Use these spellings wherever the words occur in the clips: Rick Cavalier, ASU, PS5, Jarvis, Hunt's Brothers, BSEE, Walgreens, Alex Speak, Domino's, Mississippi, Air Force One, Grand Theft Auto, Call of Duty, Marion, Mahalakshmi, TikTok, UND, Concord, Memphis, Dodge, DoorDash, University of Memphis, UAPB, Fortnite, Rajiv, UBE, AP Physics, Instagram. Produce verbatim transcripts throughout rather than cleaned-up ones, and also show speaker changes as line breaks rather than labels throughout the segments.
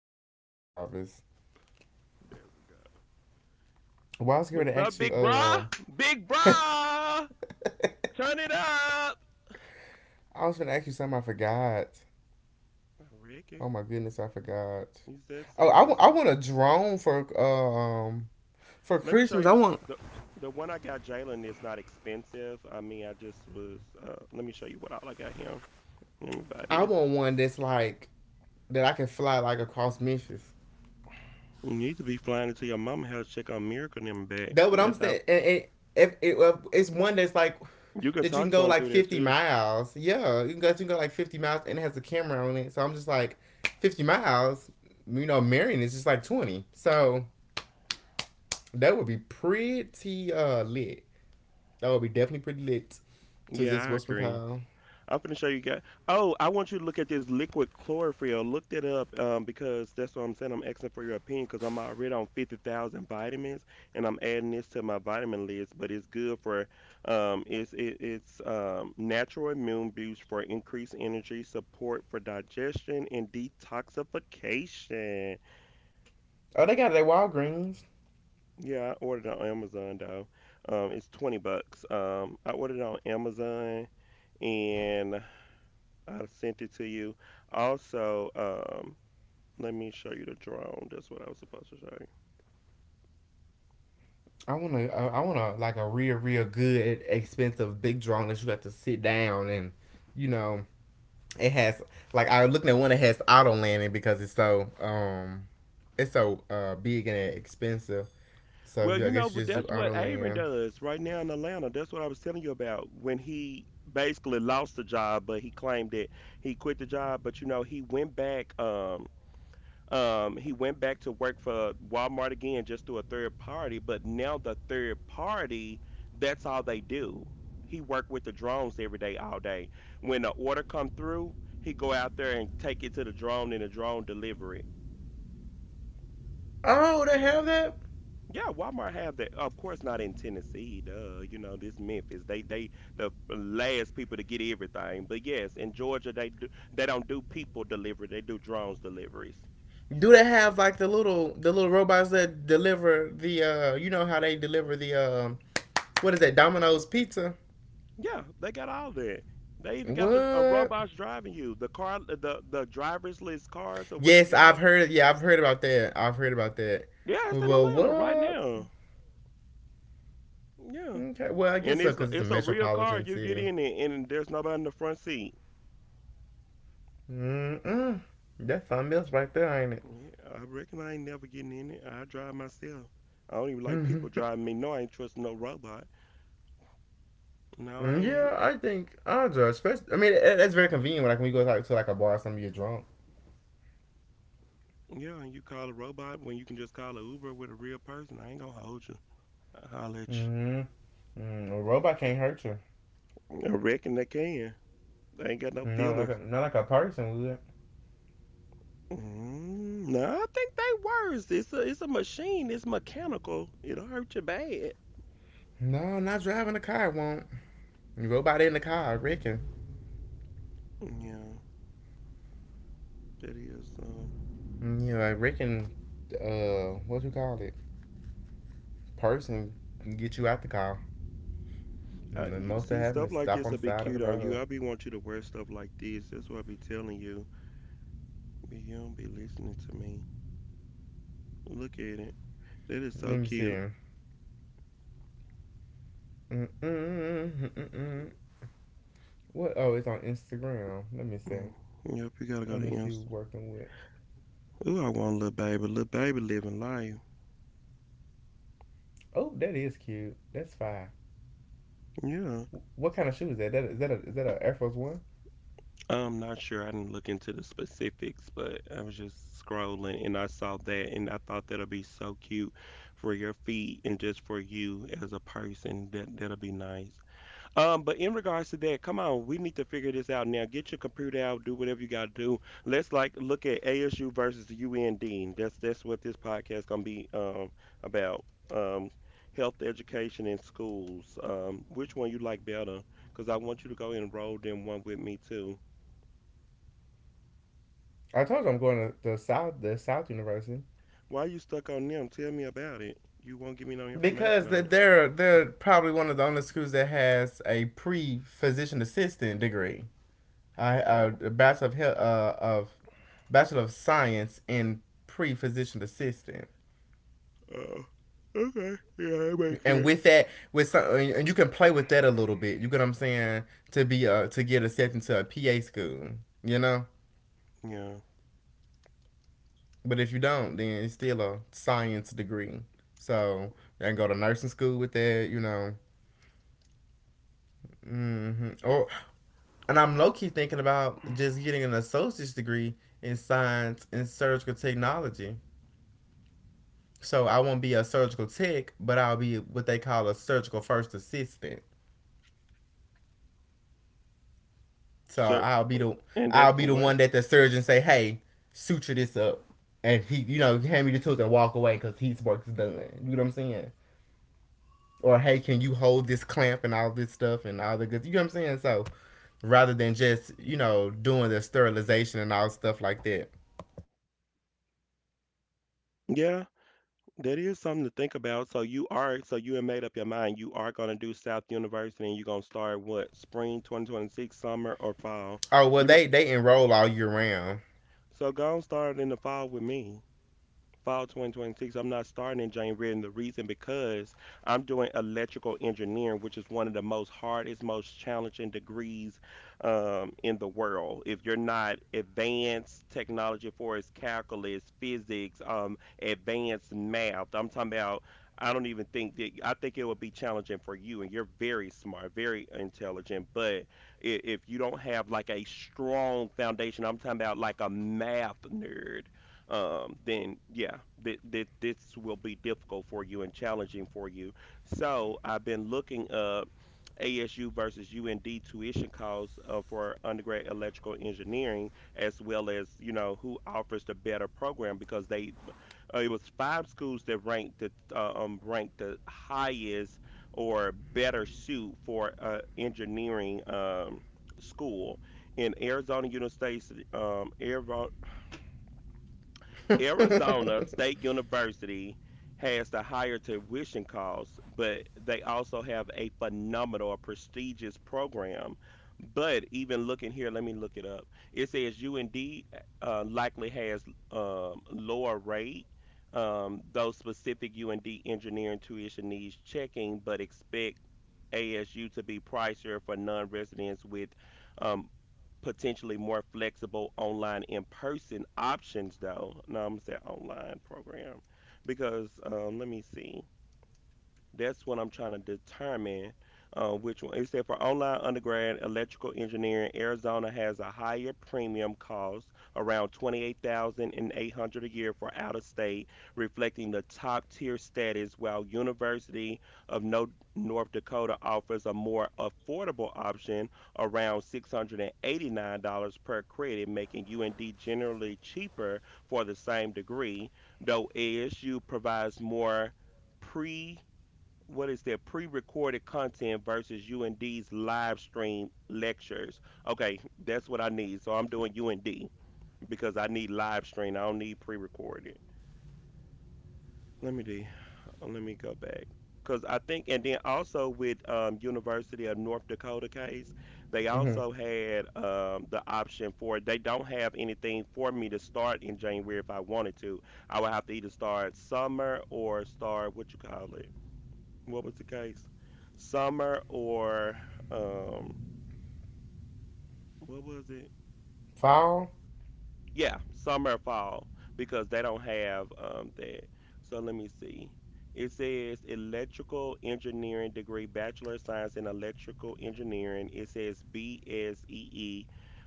guest is Jarvis.
There we go.
Well, I was going
What's
to
up,
ask you.
big
Uh,
bra?
um,
Big bra! Turn it up!
I was going to ask you something. I forgot.
Ricky,
Oh my goodness, I forgot.
you said
Oh, I,
something.
w-
Say,
I want a drone for uh, um for
let me show
Christmas.
you
I
the
want
the, the one I got. Jalen is not expensive. I mean, I just was. Uh, let me show you what all I got him.
I
Anybody?
want one that's like that I can fly like across Memphis.
You need to be flying into your mama house to check on Miracle and them back.
That's what I'm
That's how
saying. And, and if, it, if it's one that's like
you can
that you
talk
can
to
go
him
like
through there
fifty
too.
miles. Yeah, you can go, you can go like fifty miles and it has a camera on it. So I'm just like fifty miles. You know, Marion is just like twenty. So that would be pretty uh lit. That would be definitely pretty lit. To
Yeah,
just
I
what's it
agree.
called?
I'm finna show you guys. Oh, I want you to look at this liquid chlorophyll. Looked it up, um, because that's what I'm saying. I'm asking for your opinion because I'm already on fifty thousand vitamins and I'm adding this to my vitamin list. But it's good for, um, it's it, it's um, natural immune boost for increased energy, support for digestion and detoxification.
Oh, they got it at Walgreens.
Yeah, I ordered it on Amazon though. Um, it's twenty bucks. Um, I ordered it on Amazon and I've sent it to you. Also, um, let me show you the drone. That's what I was supposed to show you.
I want to. Uh, I want to like a real, real good, expensive big drawing that you have to sit down and, you know, it has like I was looking at one that has auto landing because it's so um it's so uh big and expensive. So
Well, you
I
know,
guess
but
you just do
that's what
auto
Aaron
land.
does right now in Atlanta. That's what I was telling you about when he basically lost the job, but he claimed that he quit the job. But you know, he went back. Um, Um, he went back to work for Walmart again, just through a third party. But now the third party, that's all they do. He worked with the drones every day, all day. When the order come through, he go out there and take it to the drone, and the drone deliver it.
Oh, they have that.
Yeah, Walmart have that. Of course, not in Tennessee. Duh, you know this Memphis. They they the last people to get everything. But yes, in Georgia, they do, they don't do people delivery. They do drones deliveries.
Do they have like the little the little robots that deliver the uh you know how they deliver the um what is that, Domino's pizza?
Yeah, they got all that. They even got the uh,
What?
robots driving you, the car, the the driverless cars or whatever you
Yes,
call. It.
I've heard. Yeah, I've heard about that. I've heard about that.
Yeah, it's in
Well,
Atlanta right
what?
now. Yeah,
Okay. Well, I guess
and
so
it's
because it's a
it's a real car.
metropolitan
You get
city.
in it, and there's nobody in the front seat.
Mm mm. That's something else right there, ain't it?
Yeah, I reckon I ain't never getting in it. I drive myself. I don't even like
Mm,
people driving me. No, I ain't trusting no robot. No, I
Yeah,
ain't.
I think I'll judge. I mean, that's very convenient when like when you go like, to like a bar, or something you're drunk.
Yeah, and you call a robot when you can just call a Uber with a real person. I ain't gonna hold you. I'll holler at
Mm-hmm. Mm, a robot can't hurt you.
you. I reckon they can. They ain't got no
No, like
feelings.
a, not like a person would.
Mm, no, I think they worse. It's a it's a machine. It's mechanical. It'll hurt you bad.
No, not driving a car won't. Robot in the car, Rick, and
Yeah, that is. Um,
yeah, like Rick, uh, what you call it? Person can get you out the car.
I
And the
you
most that
see
happened
stuff
is
like
stop on
this
the
will be
side of the
cute on you.
road.
I be want you to wear stuff like this. That's what I be telling you. But you don't be listening to me. Look at it. That is so
Let me see.
cute.
Mm-mm-mm-mm-mm. What? Oh, it's on Instagram. Let me see.
Mm, yep, you gotta
Let
go to
me see.
Imps.
Working with
Ooh, I want a little baby. Little baby living life.
oh, that is cute. That's fine.
Yeah.
What kind of shoe is that? That is that a, is that an Air Force One?
I'm not sure. I didn't look into the specifics, but I was just scrolling and I saw that and I thought that'll be so cute for your feet and just for you as a person. That that'll be nice. Um, but in regards to that, come on, we need to figure this out now. Get your computer out, do whatever you gotta do. Let's like look at A S U versus U N D. That's that's what this podcast gonna be um about. Um Health education in schools. Um, which one you like better? Because I want you to go enroll them one with me too.
I told you I'm going to the South, the South University.
Why you stuck on them? Tell me about it. You won't give me no information
Because
on it.
they're they're probably one of the only schools that has a pre physician assistant degree, I a
Oh.
bachelor of health, uh, of bachelor of science in pre physician assistant.
Oh. Okay. Yeah, I make
And
it.
with that, with some, and you can play with that a little bit. You get what I'm saying? To be uh to get accepted to a P A school, you know.
Yeah.
But if you don't, then it's still a science degree. So they can go to nursing school with that, you know. hmm Or and I'm low key thinking about just getting an associate's degree in science and surgical technology. So I won't be a surgical tech, but I'll be what they call a surgical first assistant. So
Sir,
I'll be the
and that's
I'll be
for
the
what?
one that the surgeon say, "Hey, suture this up," and he, you know, hand me the tools and walk away because his work is done. You know what I'm saying? Or hey, can you hold this clamp and all this stuff and all the good. You know what I'm saying? So rather than just you know doing the sterilization and all stuff like that.
Yeah, that is something to think about. So you are, so you have made up your mind. You are gonna do South University, and you're gonna start what? Spring twenty twenty-six, summer or fall?
Oh well,
You mi-
they they enroll all year round.
so go and start in the fall with me. Fall twenty twenty-six, I'm not starting in January. And the reason because I'm doing electrical engineering, which is one of the most hardest most challenging degrees, um, in the world. If you're not advanced technology for its calculus, physics, um, advanced math I'm talking about, I don't even think that, I think it would be challenging for you and you're very smart, very intelligent, but i- if you don't have like a strong foundation, I'm talking about like a math nerd, um, then yeah, th- th- this will be difficult for you and challenging for you. So I've been looking up A S U versus U N D tuition costs, uh, for undergrad electrical engineering, as well as you know who offers the better program. Because they, uh, it was five schools that ranked the uh, um, ranked the highest or better suit for uh, engineering, um, school in Arizona University, um, Arizona Arizona
Mm-hmm.
State University has the higher tuition costs, but they also have a phenomenal, prestigious program. But even looking here, let me look it up. It says U N D uh, likely has, um, lower rate, um, though specific U N D engineering tuition needs checking, but expect A S U to be pricier for non residents with, um, potentially more flexible online in person options though. No, I'm gonna say online program because, um, let me see. That's what I'm trying to determine, uh, which one. It said for online undergrad electrical engineering, Arizona has a higher premium cost, around twenty-eight thousand and eight hundred a year for out of state, reflecting the top tier status, while University of no- North Dakota offers a more affordable option, around six hundred and eighty-nine dollars per credit, making U N D generally cheaper for the same degree, though A S U provides more pre what is their pre-recorded content versus U N D's live stream lectures. Okay, that's what I need. So I'm doing U N D because I need live stream. I don't need pre-recorded. Let me do. uh, Let me go back because I think, and then also with, um, University of North Dakota case, they also had, um, the option for they don't have anything for me to start in January if I wanted to. I would have to either start summer or start what you call it, what was the case? Summer or, um, what was it?
Fall.
Yeah, summer or fall because they don't have um that. So let me see. It says electrical engineering degree, bachelor of science in electrical engineering. It says B S E E,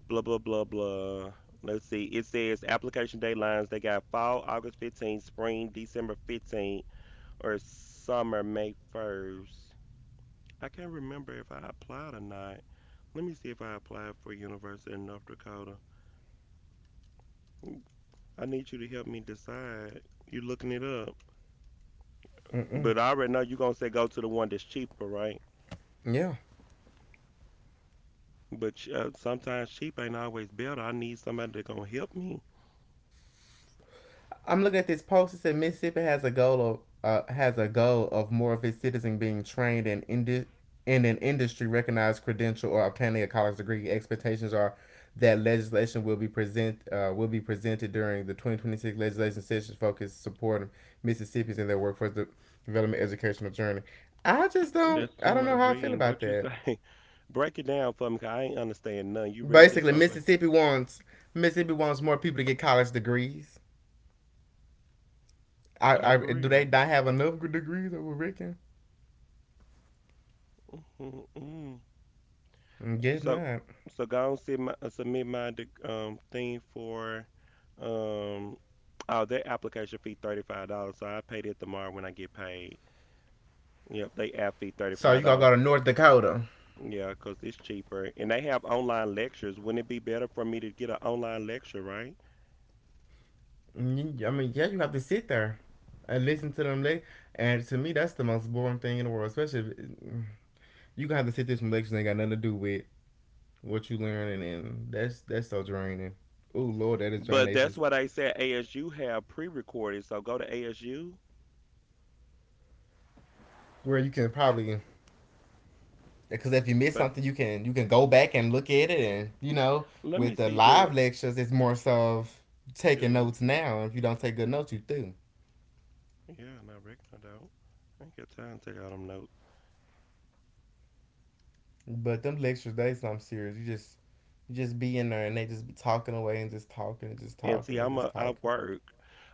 blah blah blah blah. Let's see. It says application deadlines. They got fall August fifteenth, spring December fifteenth, or summer May first. I can't remember if I applied or not. Let me see if I applied for University of North Dakota. I need you to help me decide. You looking it up,
Mm-mm.
but I already know you're gonna say go to the one that's cheaper, right?
Yeah.
But uh, sometimes cheap ain't always better. I need somebody that gonna help me.
I'm looking at this post. It said Mississippi has a goal of uh, has a goal of more of its citizens being trained in indi- in an industry recognized credential or obtaining a college degree. Expectations are that legislation will be present uh, will be presented during the twenty twenty-six legislation session focused supporting Mississippians in their workforce development educational journey. I just don't
That's
I
too
don't know
much
how I feel
reading.
about
What you
that.
say? Break it down for me, cause I ain't understand none. You read this
Basically,
over?
Mississippi wants Mississippi wants more people to get college degrees.
Oh,
I, I
for
do they
real?
not have enough degrees? I would reckon.
Mm-hmm. Mm-hmm.
Getting
So,
that.
so go and submit my, uh, submit my dec- um thing for, um oh their application fee thirty five dollars. So I paid it tomorrow when I get paid. Yep, they app fee thirty
So you
five
gotta
dollars.
go to North Dakota.
Yeah, 'cause it's cheaper, and they have online lectures. Wouldn't it be better for me to get an online lecture, right?
I mean, yeah, you have to sit there and listen to them. Le- and to me, that's the most boring thing in the world. Especially if you gonna have to sit through some lectures that ain't got nothing to do with what you learning, and that's that's so draining. Oh Lord, that is
But
draining. It's
that's
just
what I said. A S U have pre recorded, so go to A S U.
where you can probably because if you miss
But
something, you can you can go back and look at it, and you know,
let me
with the
see,
live
do
lectures, it's more so of taking
do
notes.
you-
Now, if you don't take good notes, you do.
yeah, no Rick, I don't. I ain't got time to take all them notes.
But them lectures, they some serious. You just you just be in there and they just be talking away and just talking and just
And
talking
see,
and
I'm
just
a I
talking.
work.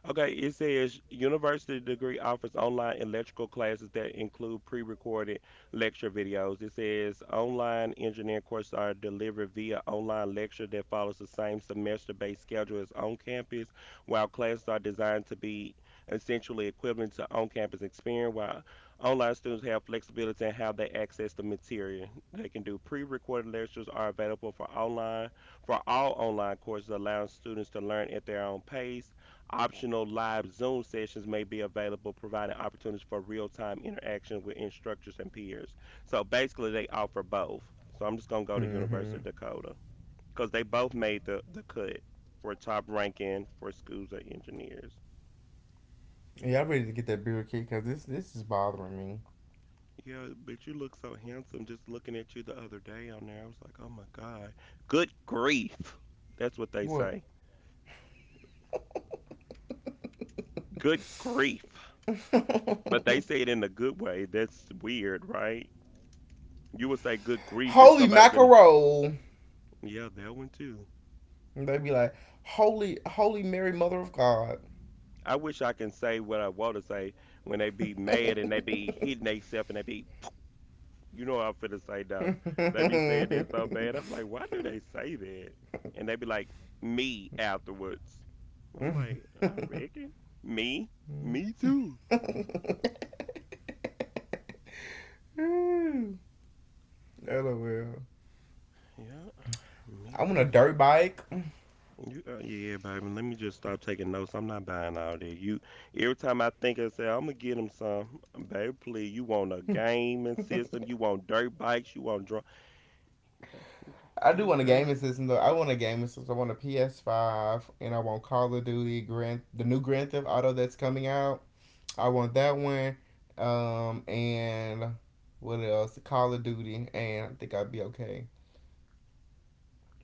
Okay, it says university degree offers online electrical classes that include pre-recorded lecture videos. It says online engineering courses are delivered via online lecture that follows the same semester-based schedule as on-campus, while classes are designed to be essentially equivalent to on-campus experience, while online students have flexibility in how they access the material. They can do pre-recorded lectures are available for online for all online courses allowing students to learn at their own pace, optional live Zoom sessions may be available, providing opportunities for real-time interaction with instructors and peers. So basically, they offer both. So I'm just gonna go to University
Mm-hmm.
of Dakota because they both made the the cut for top ranking for schools of engineers.
Yeah, I'm ready to get that beer kick because this this is bothering me.
Yeah, but you look so handsome just looking at you the other day on there. I was like, oh my God. Good grief. That's what they
What?
say. Good grief. But they say it in a good way. That's weird, right? You would say good grief if
Holy
somebody can.
mackerel!
Yeah, that one too.
They be like, holy holy Mary, Mother of God.
I wish I can say what I want to say when they be mad and they be hitting themselves and they be, you know what I'm finna say though. They be saying that so bad. I'm like, why do they say that? And they be like, me afterwards. I'm like, I reckon. Me? Me too.
LOL.
Yeah, me
I want a
too.
dirt bike.
You- uh, Yeah, baby. Let me just stop taking notes. I'm not buying all that. You Every time I think I say I'm gonna get him some, baby. Please, you want a gaming system? You want dirt bikes? You want drunk?
I
Yeah,
do
it
want a
sound like
gaming system though. I want a gaming system. I want a P S five, and I want Call of Duty, Grand, the new Grand Theft Auto that's coming out. I want that one, um, and what else? Call of Duty, and I think I'd be okay.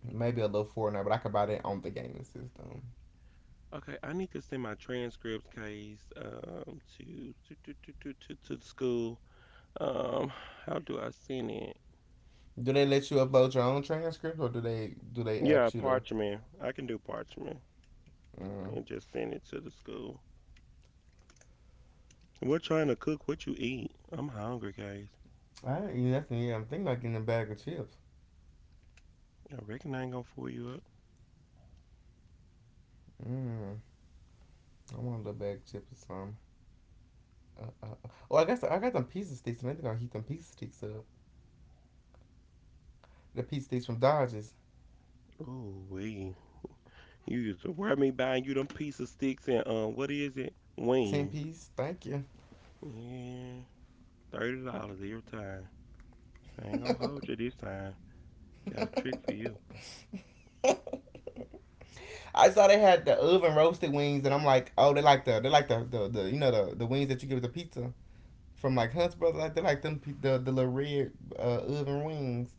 Maybe a little Fortnite, but I could buy that on the gaming system.
okay. I need to send my transcripts case um to to to to to to, to the school. Um, how do I send it?
Do they let you upload your own transcript, or do they do they
Yeah,
ask you to?
parchment. I can do parchment
Mm,
and just send it to the school. We're trying to cook what you eat. I'm hungry, guys.
I ain't eat nothing yet. I'm thinking about getting a bag of chips.
I reckon I ain't gonna fool you up.
Mm, I want a little bag of chips or something. Uh, uh, uh. Oh, I got some, I got them pizza sticks, and I think I'll heat them pizza sticks up. The pizza sticks from Dodges,
Oh, wee. You used to wear me buying you them piece of sticks and um, what is it?
ten
Wings.
piece. Thank you.
Yeah, thirty dollars every time. I ain't gonna hold you this time. Got a trick for you.
I saw they had the oven roasted wings, and I'm like, oh, they like the they like the the, the you know the, the wings that you get with the pizza from like Hunt's Brothers. Like they like them pe- the the little red uh, oven wings.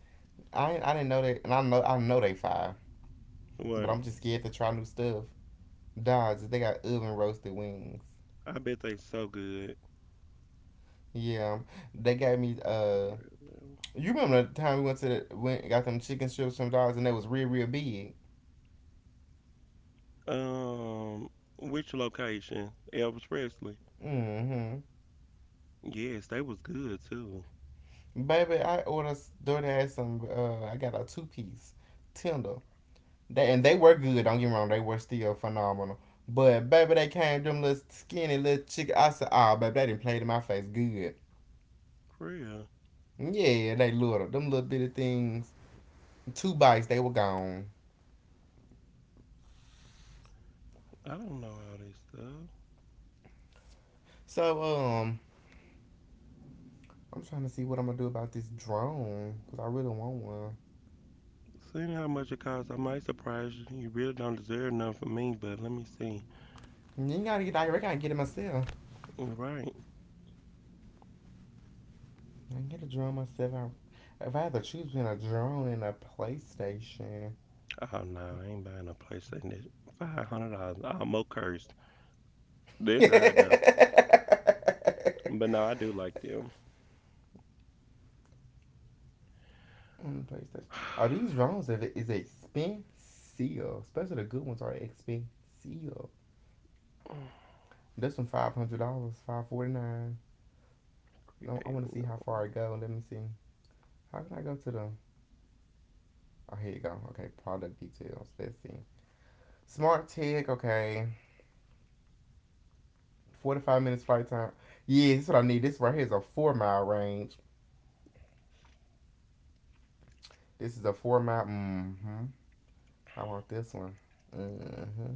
I I didn't know that, and I know I know they fire, but
What?
I'm just scared to try new stuff. Dodges, they got oven roasted wings.
I bet they so good.
Yeah, they gave me. Uh,
Grilled
you remember the time we went to the, went got them chicken strips from Dogs and they was real real big.
Um, which location? Elvis Presley.
Mm-hmm.
Yes, they was good too.
Baby, I ordered DoorDash some. Uh, I got a two piece tender. They and they were good. Don't get me wrong, they were still phenomenal. But baby, they came them little skinny little chicken. I said, oh, baby, they didn't play to my face good.
For real.
Yeah, they little them little bitty things. Two bites, they were gone.
I don't know all this stuff.
So um, I'm trying to see what I'm gonna do about this drone because I really want one.
Seeing how much it costs, I might surprise you. You really don't deserve nothing from me, but let me see.
You gotta get I gotta get it myself.
Right.
I can get a drone myself. I, if I had to choose between a drone and a PlayStation.
Oh no, I ain't buying a PlayStation. This five hundred dollars. I almost cursed. This high though. But no, I do like them.
PlayStation. Oh, these drones is is expensive. Especially the good ones are expensive. This one five hundred dollars, five forty nine. No, I
Eight
want to see
or
how far
no.
it go. Let me see. How can I go to the? Oh, here you go. Okay, product details. Let's see. Smart tech. Okay, forty-five minutes flight time. Yeah, this is what I need. This right here is a four mile range. This is a four mile. Mm-hmm. I want this one. Mm-hmm.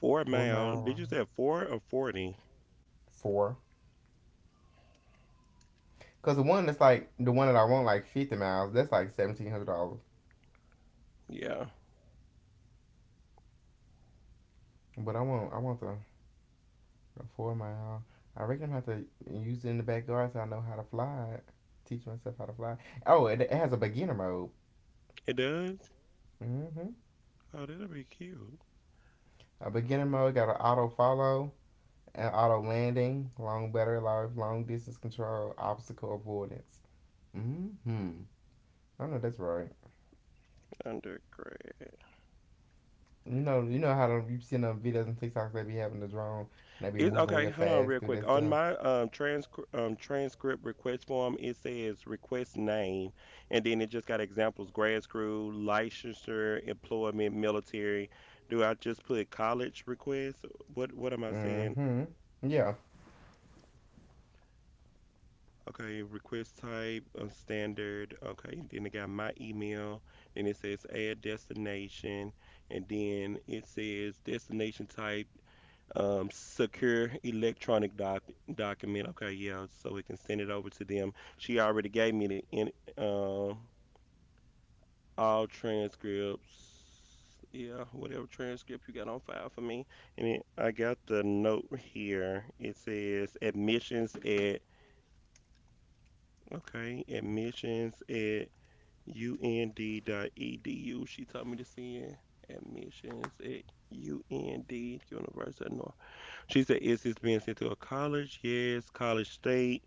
Four
Four
male.
mile
Did you
range.
say four or forty?
Four. Cause the one that's like the one that I want like fifty miles. That's like seventeen hundred dollars.
Yeah.
But I want I want the, the four mile. I reckon I'm gonna have to use it in the backyard so I know how to fly it. Teach myself how to fly. Oh, it, it has a beginner mode.
It does?
Mm-hmm.
Oh, that'll be cute.
A beginner mode got an auto follow and auto landing, long better life, long distance control, obstacle avoidance. Mm-hmm. I know that's right.
Undergrad.
You know, you know how them, you see them videos and TikToks, they be having the drone and they be
It's
moving
okay.
real
Hold on,
fast
real
through
quick.
that
On
stuff.
my um, transcri- um transcript request form, it says request name, and then it just got examples: grad school, licensure, employment, military. Do I just put college request? What What am I saying?
Mm-hmm. Yeah.
Okay, request type, uh, standard. Okay, and then it got my email. Then it says add destination, and then it says destination type. Um, secure electronic doc- document. Okay, yeah, so we can send it over to them. She already gave me the in, um all transcripts. Yeah, whatever transcript you got on file for me. And then I got the note here. It says admissions at, okay, admissions at u n d dot e d u. She told me to send admissions at U N D, University of North. She said, is this being sent to a college? Yes, college state.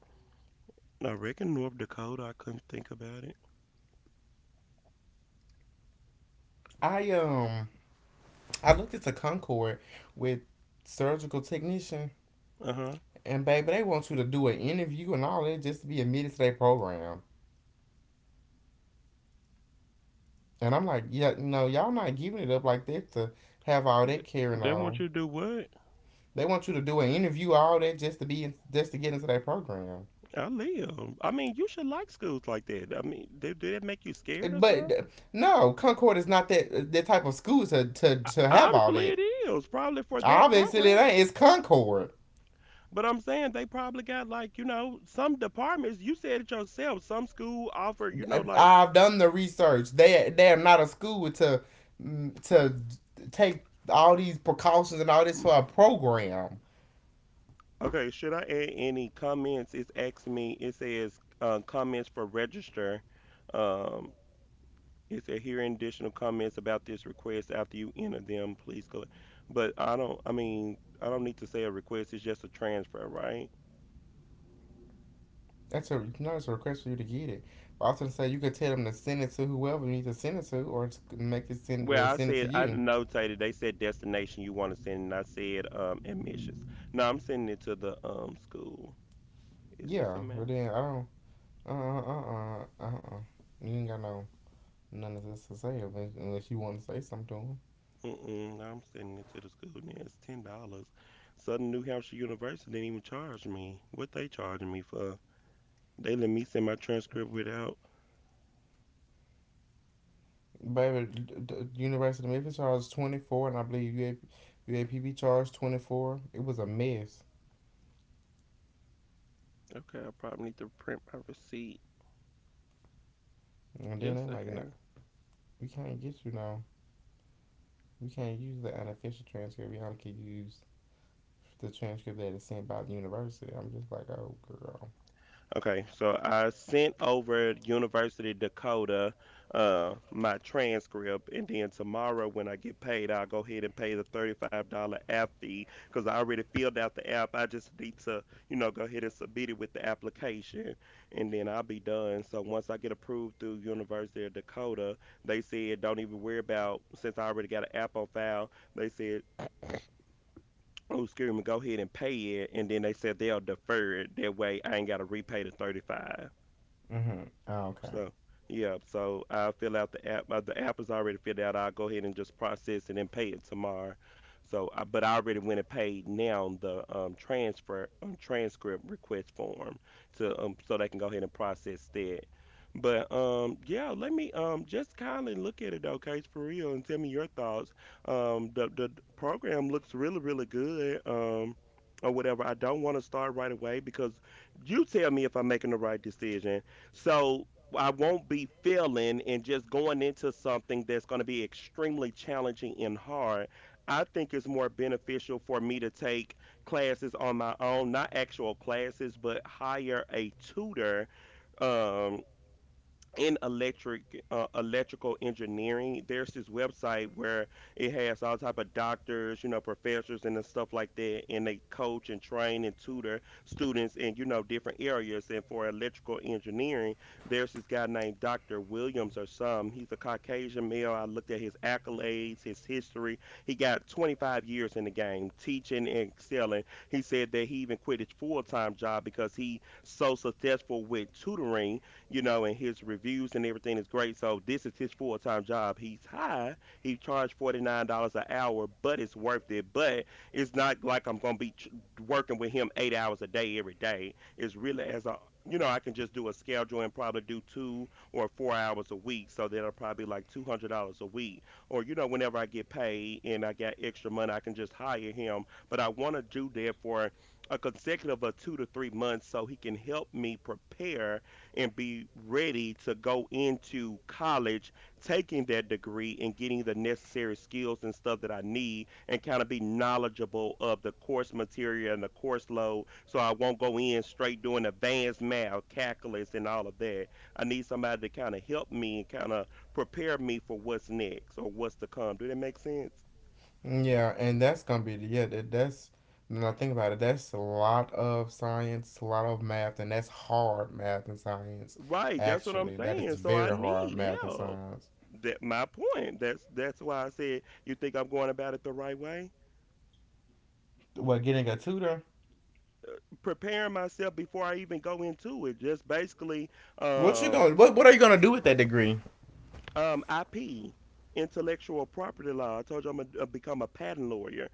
I reckon North Dakota. I couldn't think about it.
I um I looked at the Concord with surgical technician,
Uh huh.
and baby they want you to do an interview and all that just to be admitted to their program. And I'm like, yeah, no, y'all not giving it up like that to have all that carrying
They want
on.
you to do what?
They want you to do an interview, all that, just to be in, just to get into their program.
I live. I mean, you should like schools like that. I mean, did, did that make you scared or
But
something?
uh, no, Concord is not that uh, that type of school to to,
O-
to have all
Obviously, it
that.
is probably for that
Obviously, it
program.
ain't. It's Concord.
But I'm saying they probably got like, you know some departments. You said it yourself. Some school offer, you know like,
I've done the research. They they are not a school to mm, to take all these precautions and all this
mm.
for a program.
Okay. Should I add any comments? It's asked me. It says uh, comments for register. Um, It said hearing additional comments about this request after you enter them, please go. But I don't. I mean, I don't need to say a request. It's just a transfer, right?
That's a you know, it's a request for you to get it. But I was gonna say you could tell them to send it to whoever you need to send it to, or to make it send or
Well, I
send it to
said I
you.
notated. They said destination you want to send, and I said um admissions. No, I'm sending it to the um school. Is this a
Yeah, but
man?
then I don't. Uh uh uh uh uh. You ain't got no none of this to say unless you want to say something to him.
Mm-mm, no, I'm sending it to the school. Now it's ten dollars. Southern New Hampshire University didn't even charge me. What they charging me for? They let me send my transcript without.
Baby, the University of Memphis charged twenty-four, and I believe U A P B charged twenty-four. It was a mess.
Okay, I probably need to print my receipt.
And then they are
Just a
like, no,
hand.
we can't get you now. We can't use the unofficial transcript. We only can use the transcript that is sent by the university. I'm just like, oh, girl.
Okay, so I sent over University Dakota uh, my transcript, and then tomorrow when I get paid, I'll go ahead and pay the thirty-five dollars app fee because I already filled out the app. I just need to, you know, go ahead and submit it with the application, and then I'll be done. So once I get approved through University of Dakota, they said don't even worry about since I already got an app on file. They said, oh, excuse me, go ahead and pay it. And then they said they'll defer it. That way I ain't got to repay the thirty-five.
Mm-hmm. Oh, okay.
So, yeah, so I'll fill out the app. uh, The app is already filled out. I'll go ahead and just process it and pay it tomorrow. So, I, but I already went and paid now the um, transfer um, transcript request form to, um, so they can go ahead and process that. But um, yeah, let me um just kindly look at it, okay, for real, and tell me your thoughts. Um, the the program looks really really good. Um, or whatever. I don't want to start right away because you tell me if I'm making the right decision. So I won't be feeling and just going into something that's going to be extremely challenging and hard. I think it's more beneficial for me to take classes on my own, not actual classes, but hire a tutor. um, in electric uh, electrical engineering, there's this website where it has all type of doctors, you know professors and the stuff like that, and they coach and train and tutor students in, you know different areas. And for electrical engineering, there's this guy named Dr. Williams or some. He's a Caucasian male. I looked at his accolades, his history. He got twenty-five years in the game teaching and excelling. He said that he even quit his full-time job because he so successful with tutoring, you know, and his reviews and everything is great. So this is his full time job. He's high. He charged forty nine dollars an hour, but it's worth it. But it's not like I'm gonna be ch- working with him eight hours a day every day. It's really as a you know, I can just do a schedule and probably do two or four hours a week. So that'll probably be like two hundred dollars a week. Or, you know, whenever I get paid and I got extra money, I can just hire him. But I wanna do that for a consecutive of two to three months so he can help me prepare and be ready to go into college, taking that degree and getting the necessary skills and stuff that I need, and kind of be knowledgeable of the course material and the course load, so I won't go in straight doing advanced math, calculus, and all of that. I need somebody to kind of help me and kind of prepare me for what's next or what's to come. Do that make sense?
Yeah, and that's gonna be yeah. That, that's when I think about it, that's a lot of science, a lot of math, and that's hard math and science.
Right, that's what I'm
Actually, that is
saying. So I
very hard
need
math and
help.
science.
That my point. That's that's why I said, you think I'm going about it the right way,
What, getting a tutor?
preparing myself before I even go into it. Just basically,
What you
um,
going? What What are you gonna do with that degree?
um, I P, intellectual property law. I told you I'm gonna uh, become a patent lawyer.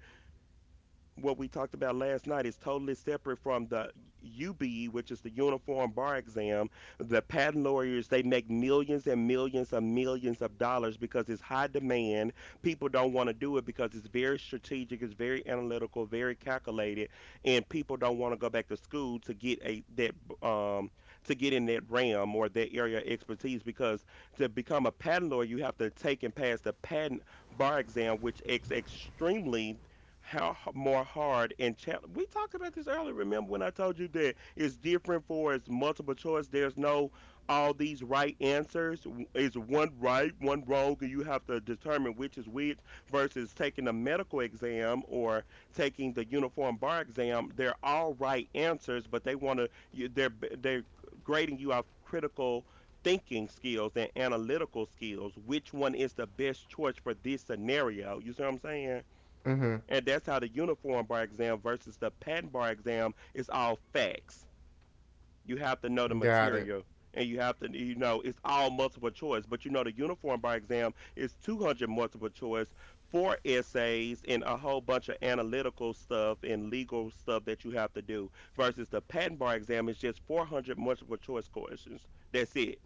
What we talked about last night is totally separate from the U B E, which is the Uniform Bar Exam. The patent lawyers, they make millions and millions and millions of dollars because it's high demand. People don't want to do it because it's very strategic, it's very analytical, very calculated, and people don't want to go back to school to get a that um to get in that realm or that area of expertise, because to become a patent lawyer, you have to take and pass the patent bar exam, which is extremely how h- more hard and challenge. We talked about this earlier. Remember when I told you that it's different, for it's multiple choice. There's no all these right answers. W- It's one right, one wrong, and you have to determine which is which. Versus taking a medical exam or taking the uniform bar exam, they're all right answers, but they want to. They're b- they're grading you off critical thinking skills and analytical skills, which one is the best choice for this scenario. You see what I'm saying?
Mm-hmm.
And that's how the uniform bar exam versus the patent bar exam is all facts. You have to know the
Got it.
material, and you have to, you know it's all multiple choice. But you know the uniform bar exam is two hundred multiple choice, four essays and a whole bunch of analytical stuff and legal stuff that you have to do, versus the patent bar exam is just four hundred multiple choice questions. That's it.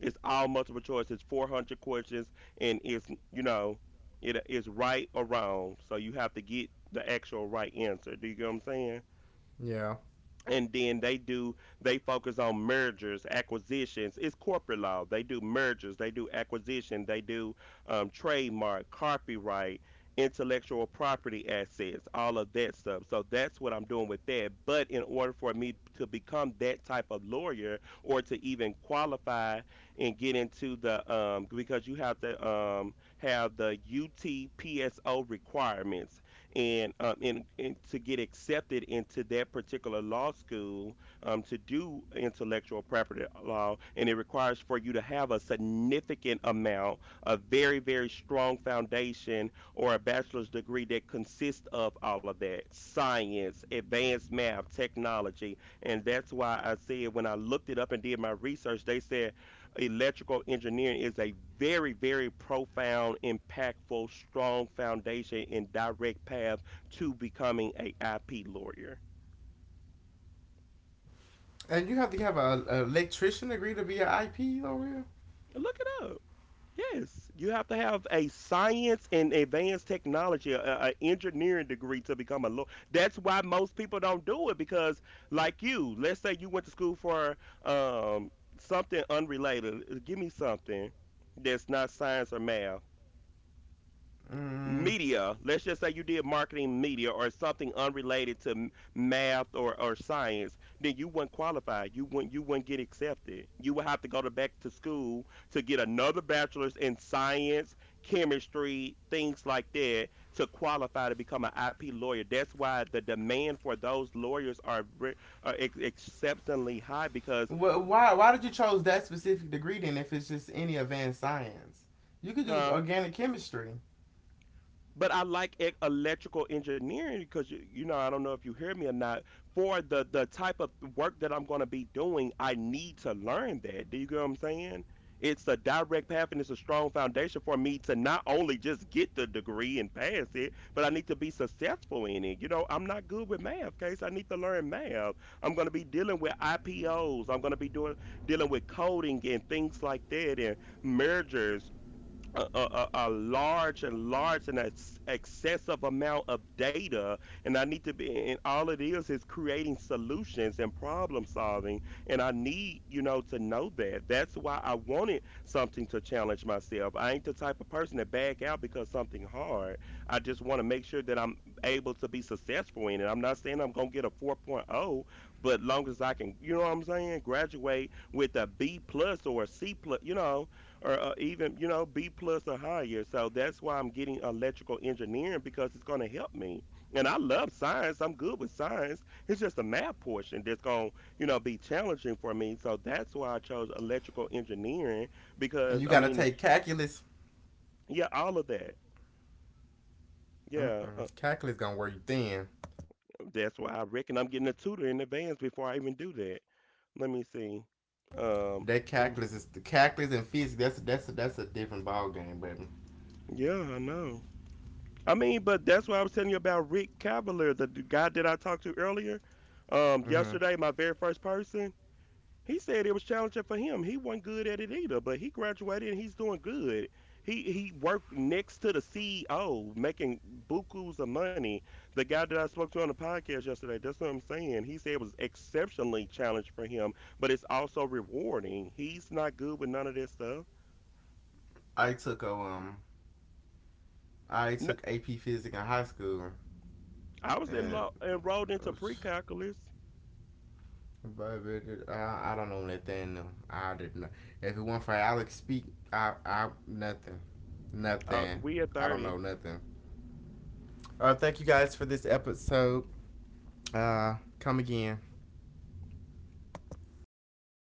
It's all multiple choice. It's four hundred questions, and it's you know, it is right or wrong. So you have to get the actual right answer. Do you get what I'm saying?
Yeah.
And then they do they focus on mergers acquisitions. It's corporate law. They do mergers, they do acquisition, they do um, trademark, copyright, intellectual property assets, all of that stuff. So that's what I'm doing with that. But in order for me to become that type of lawyer or to even qualify and get into the um because you have to um have the utpso requirements. And um, and, and to get accepted into that particular law school, um, to do intellectual property law, and it requires for you to have a significant amount, a very very strong foundation, or a bachelor's degree that consists of all of that science, advanced math, technology. And that's why I said when I looked it up and did my research, they said electrical engineering is a very, very profound, impactful, strong foundation and direct path to becoming a I P lawyer.
And you have to have a, a electrician degree to be an I P over here.
Look it up. Yes, you have to have a science and advanced technology, a, engineering degree to become a lawyer. That's why most people don't do it because, like you, let's say you went to school for um, something unrelated. Give me something that's not science or math.
Mm.
Media, let's just say you did marketing, media, or something unrelated to m- math or, or science, then you wouldn't qualify, you wouldn't you wouldn't get accepted. You would have to go to back to school to get another bachelor's in science, chemistry, things like that, to qualify to become an IP lawyer. That's why the demand for those lawyers are, re- are ex- exceptionally high because
Well, Why why did you chose that specific degree then? If it's just any advanced science, you could do
huh.
organic chemistry.
But I like e- electrical engineering because you, you know I don't know if you hear me or not. For the the type of work that I'm going to be doing, I need to learn that. Do you get what I'm saying? It's a direct path and it's a strong foundation for me to not only just get the degree and pass it, but I need to be successful in it. You know, I'm not good with math, case I need to learn math. I'm going to be dealing with I P Os. I'm going to be doing dealing with coding and things like that, and mergers, a, a, a large and large and ex- excessive amount of data. And I need to be, and all it is is creating solutions and problem solving, and I need, you know to know that. That's why I wanted something to challenge myself. I ain't the type of person to back out because something hard. I just want to make sure that I'm able to be successful in it. I'm not saying I'm going to get a 4.0, but long as I can, you know what I'm saying graduate with a B plus or a C plus, you know or uh, even you know B plus or higher. So that's why I'm getting electrical engineering because it's going to help me. And I love science. I'm good with science. It's just the math portion that's going to you know be challenging for me. So that's why I chose electrical engineering
And
because
you
I
gotta
mean it's
take calculus.
yeah all of that. Yeah,
Mm-mm.
uh,
Calculus gonna work thin.
that's why I reckon I'm getting a tutor in advance before I even do that. Let me see. Um,
That
let me.
calculus is the calculus and physics. That's a, that's a, that's a different ball game, baby.
Yeah, I know. I mean, but that's what I was telling you about Rick Cavalier, the d- guy that I talked to earlier. Um,
Hmm
yesterday, my very first person, he said it was challenging for him. He wasn't good at it either, but he graduated and he's doing good. He he worked next to the C E O, making bukus of money. The guy that I spoke to on the podcast yesterday, that's what I'm saying. He said it was exceptionally challenging for him, but it's also rewarding. He's not good with none of that stuff.
I took a, um I
No,
took A P Physics in high school,
I was
and
enlo- enrolled into
uh,
pre-calculus.
baby, I, I don't know that thing. No, I did not. If it weren't for Alex Speak, I I nothing,
Uh,
nothing.
we at
I don't
thirty.
know nothing. Uh, thank you guys for this episode. Uh, come again.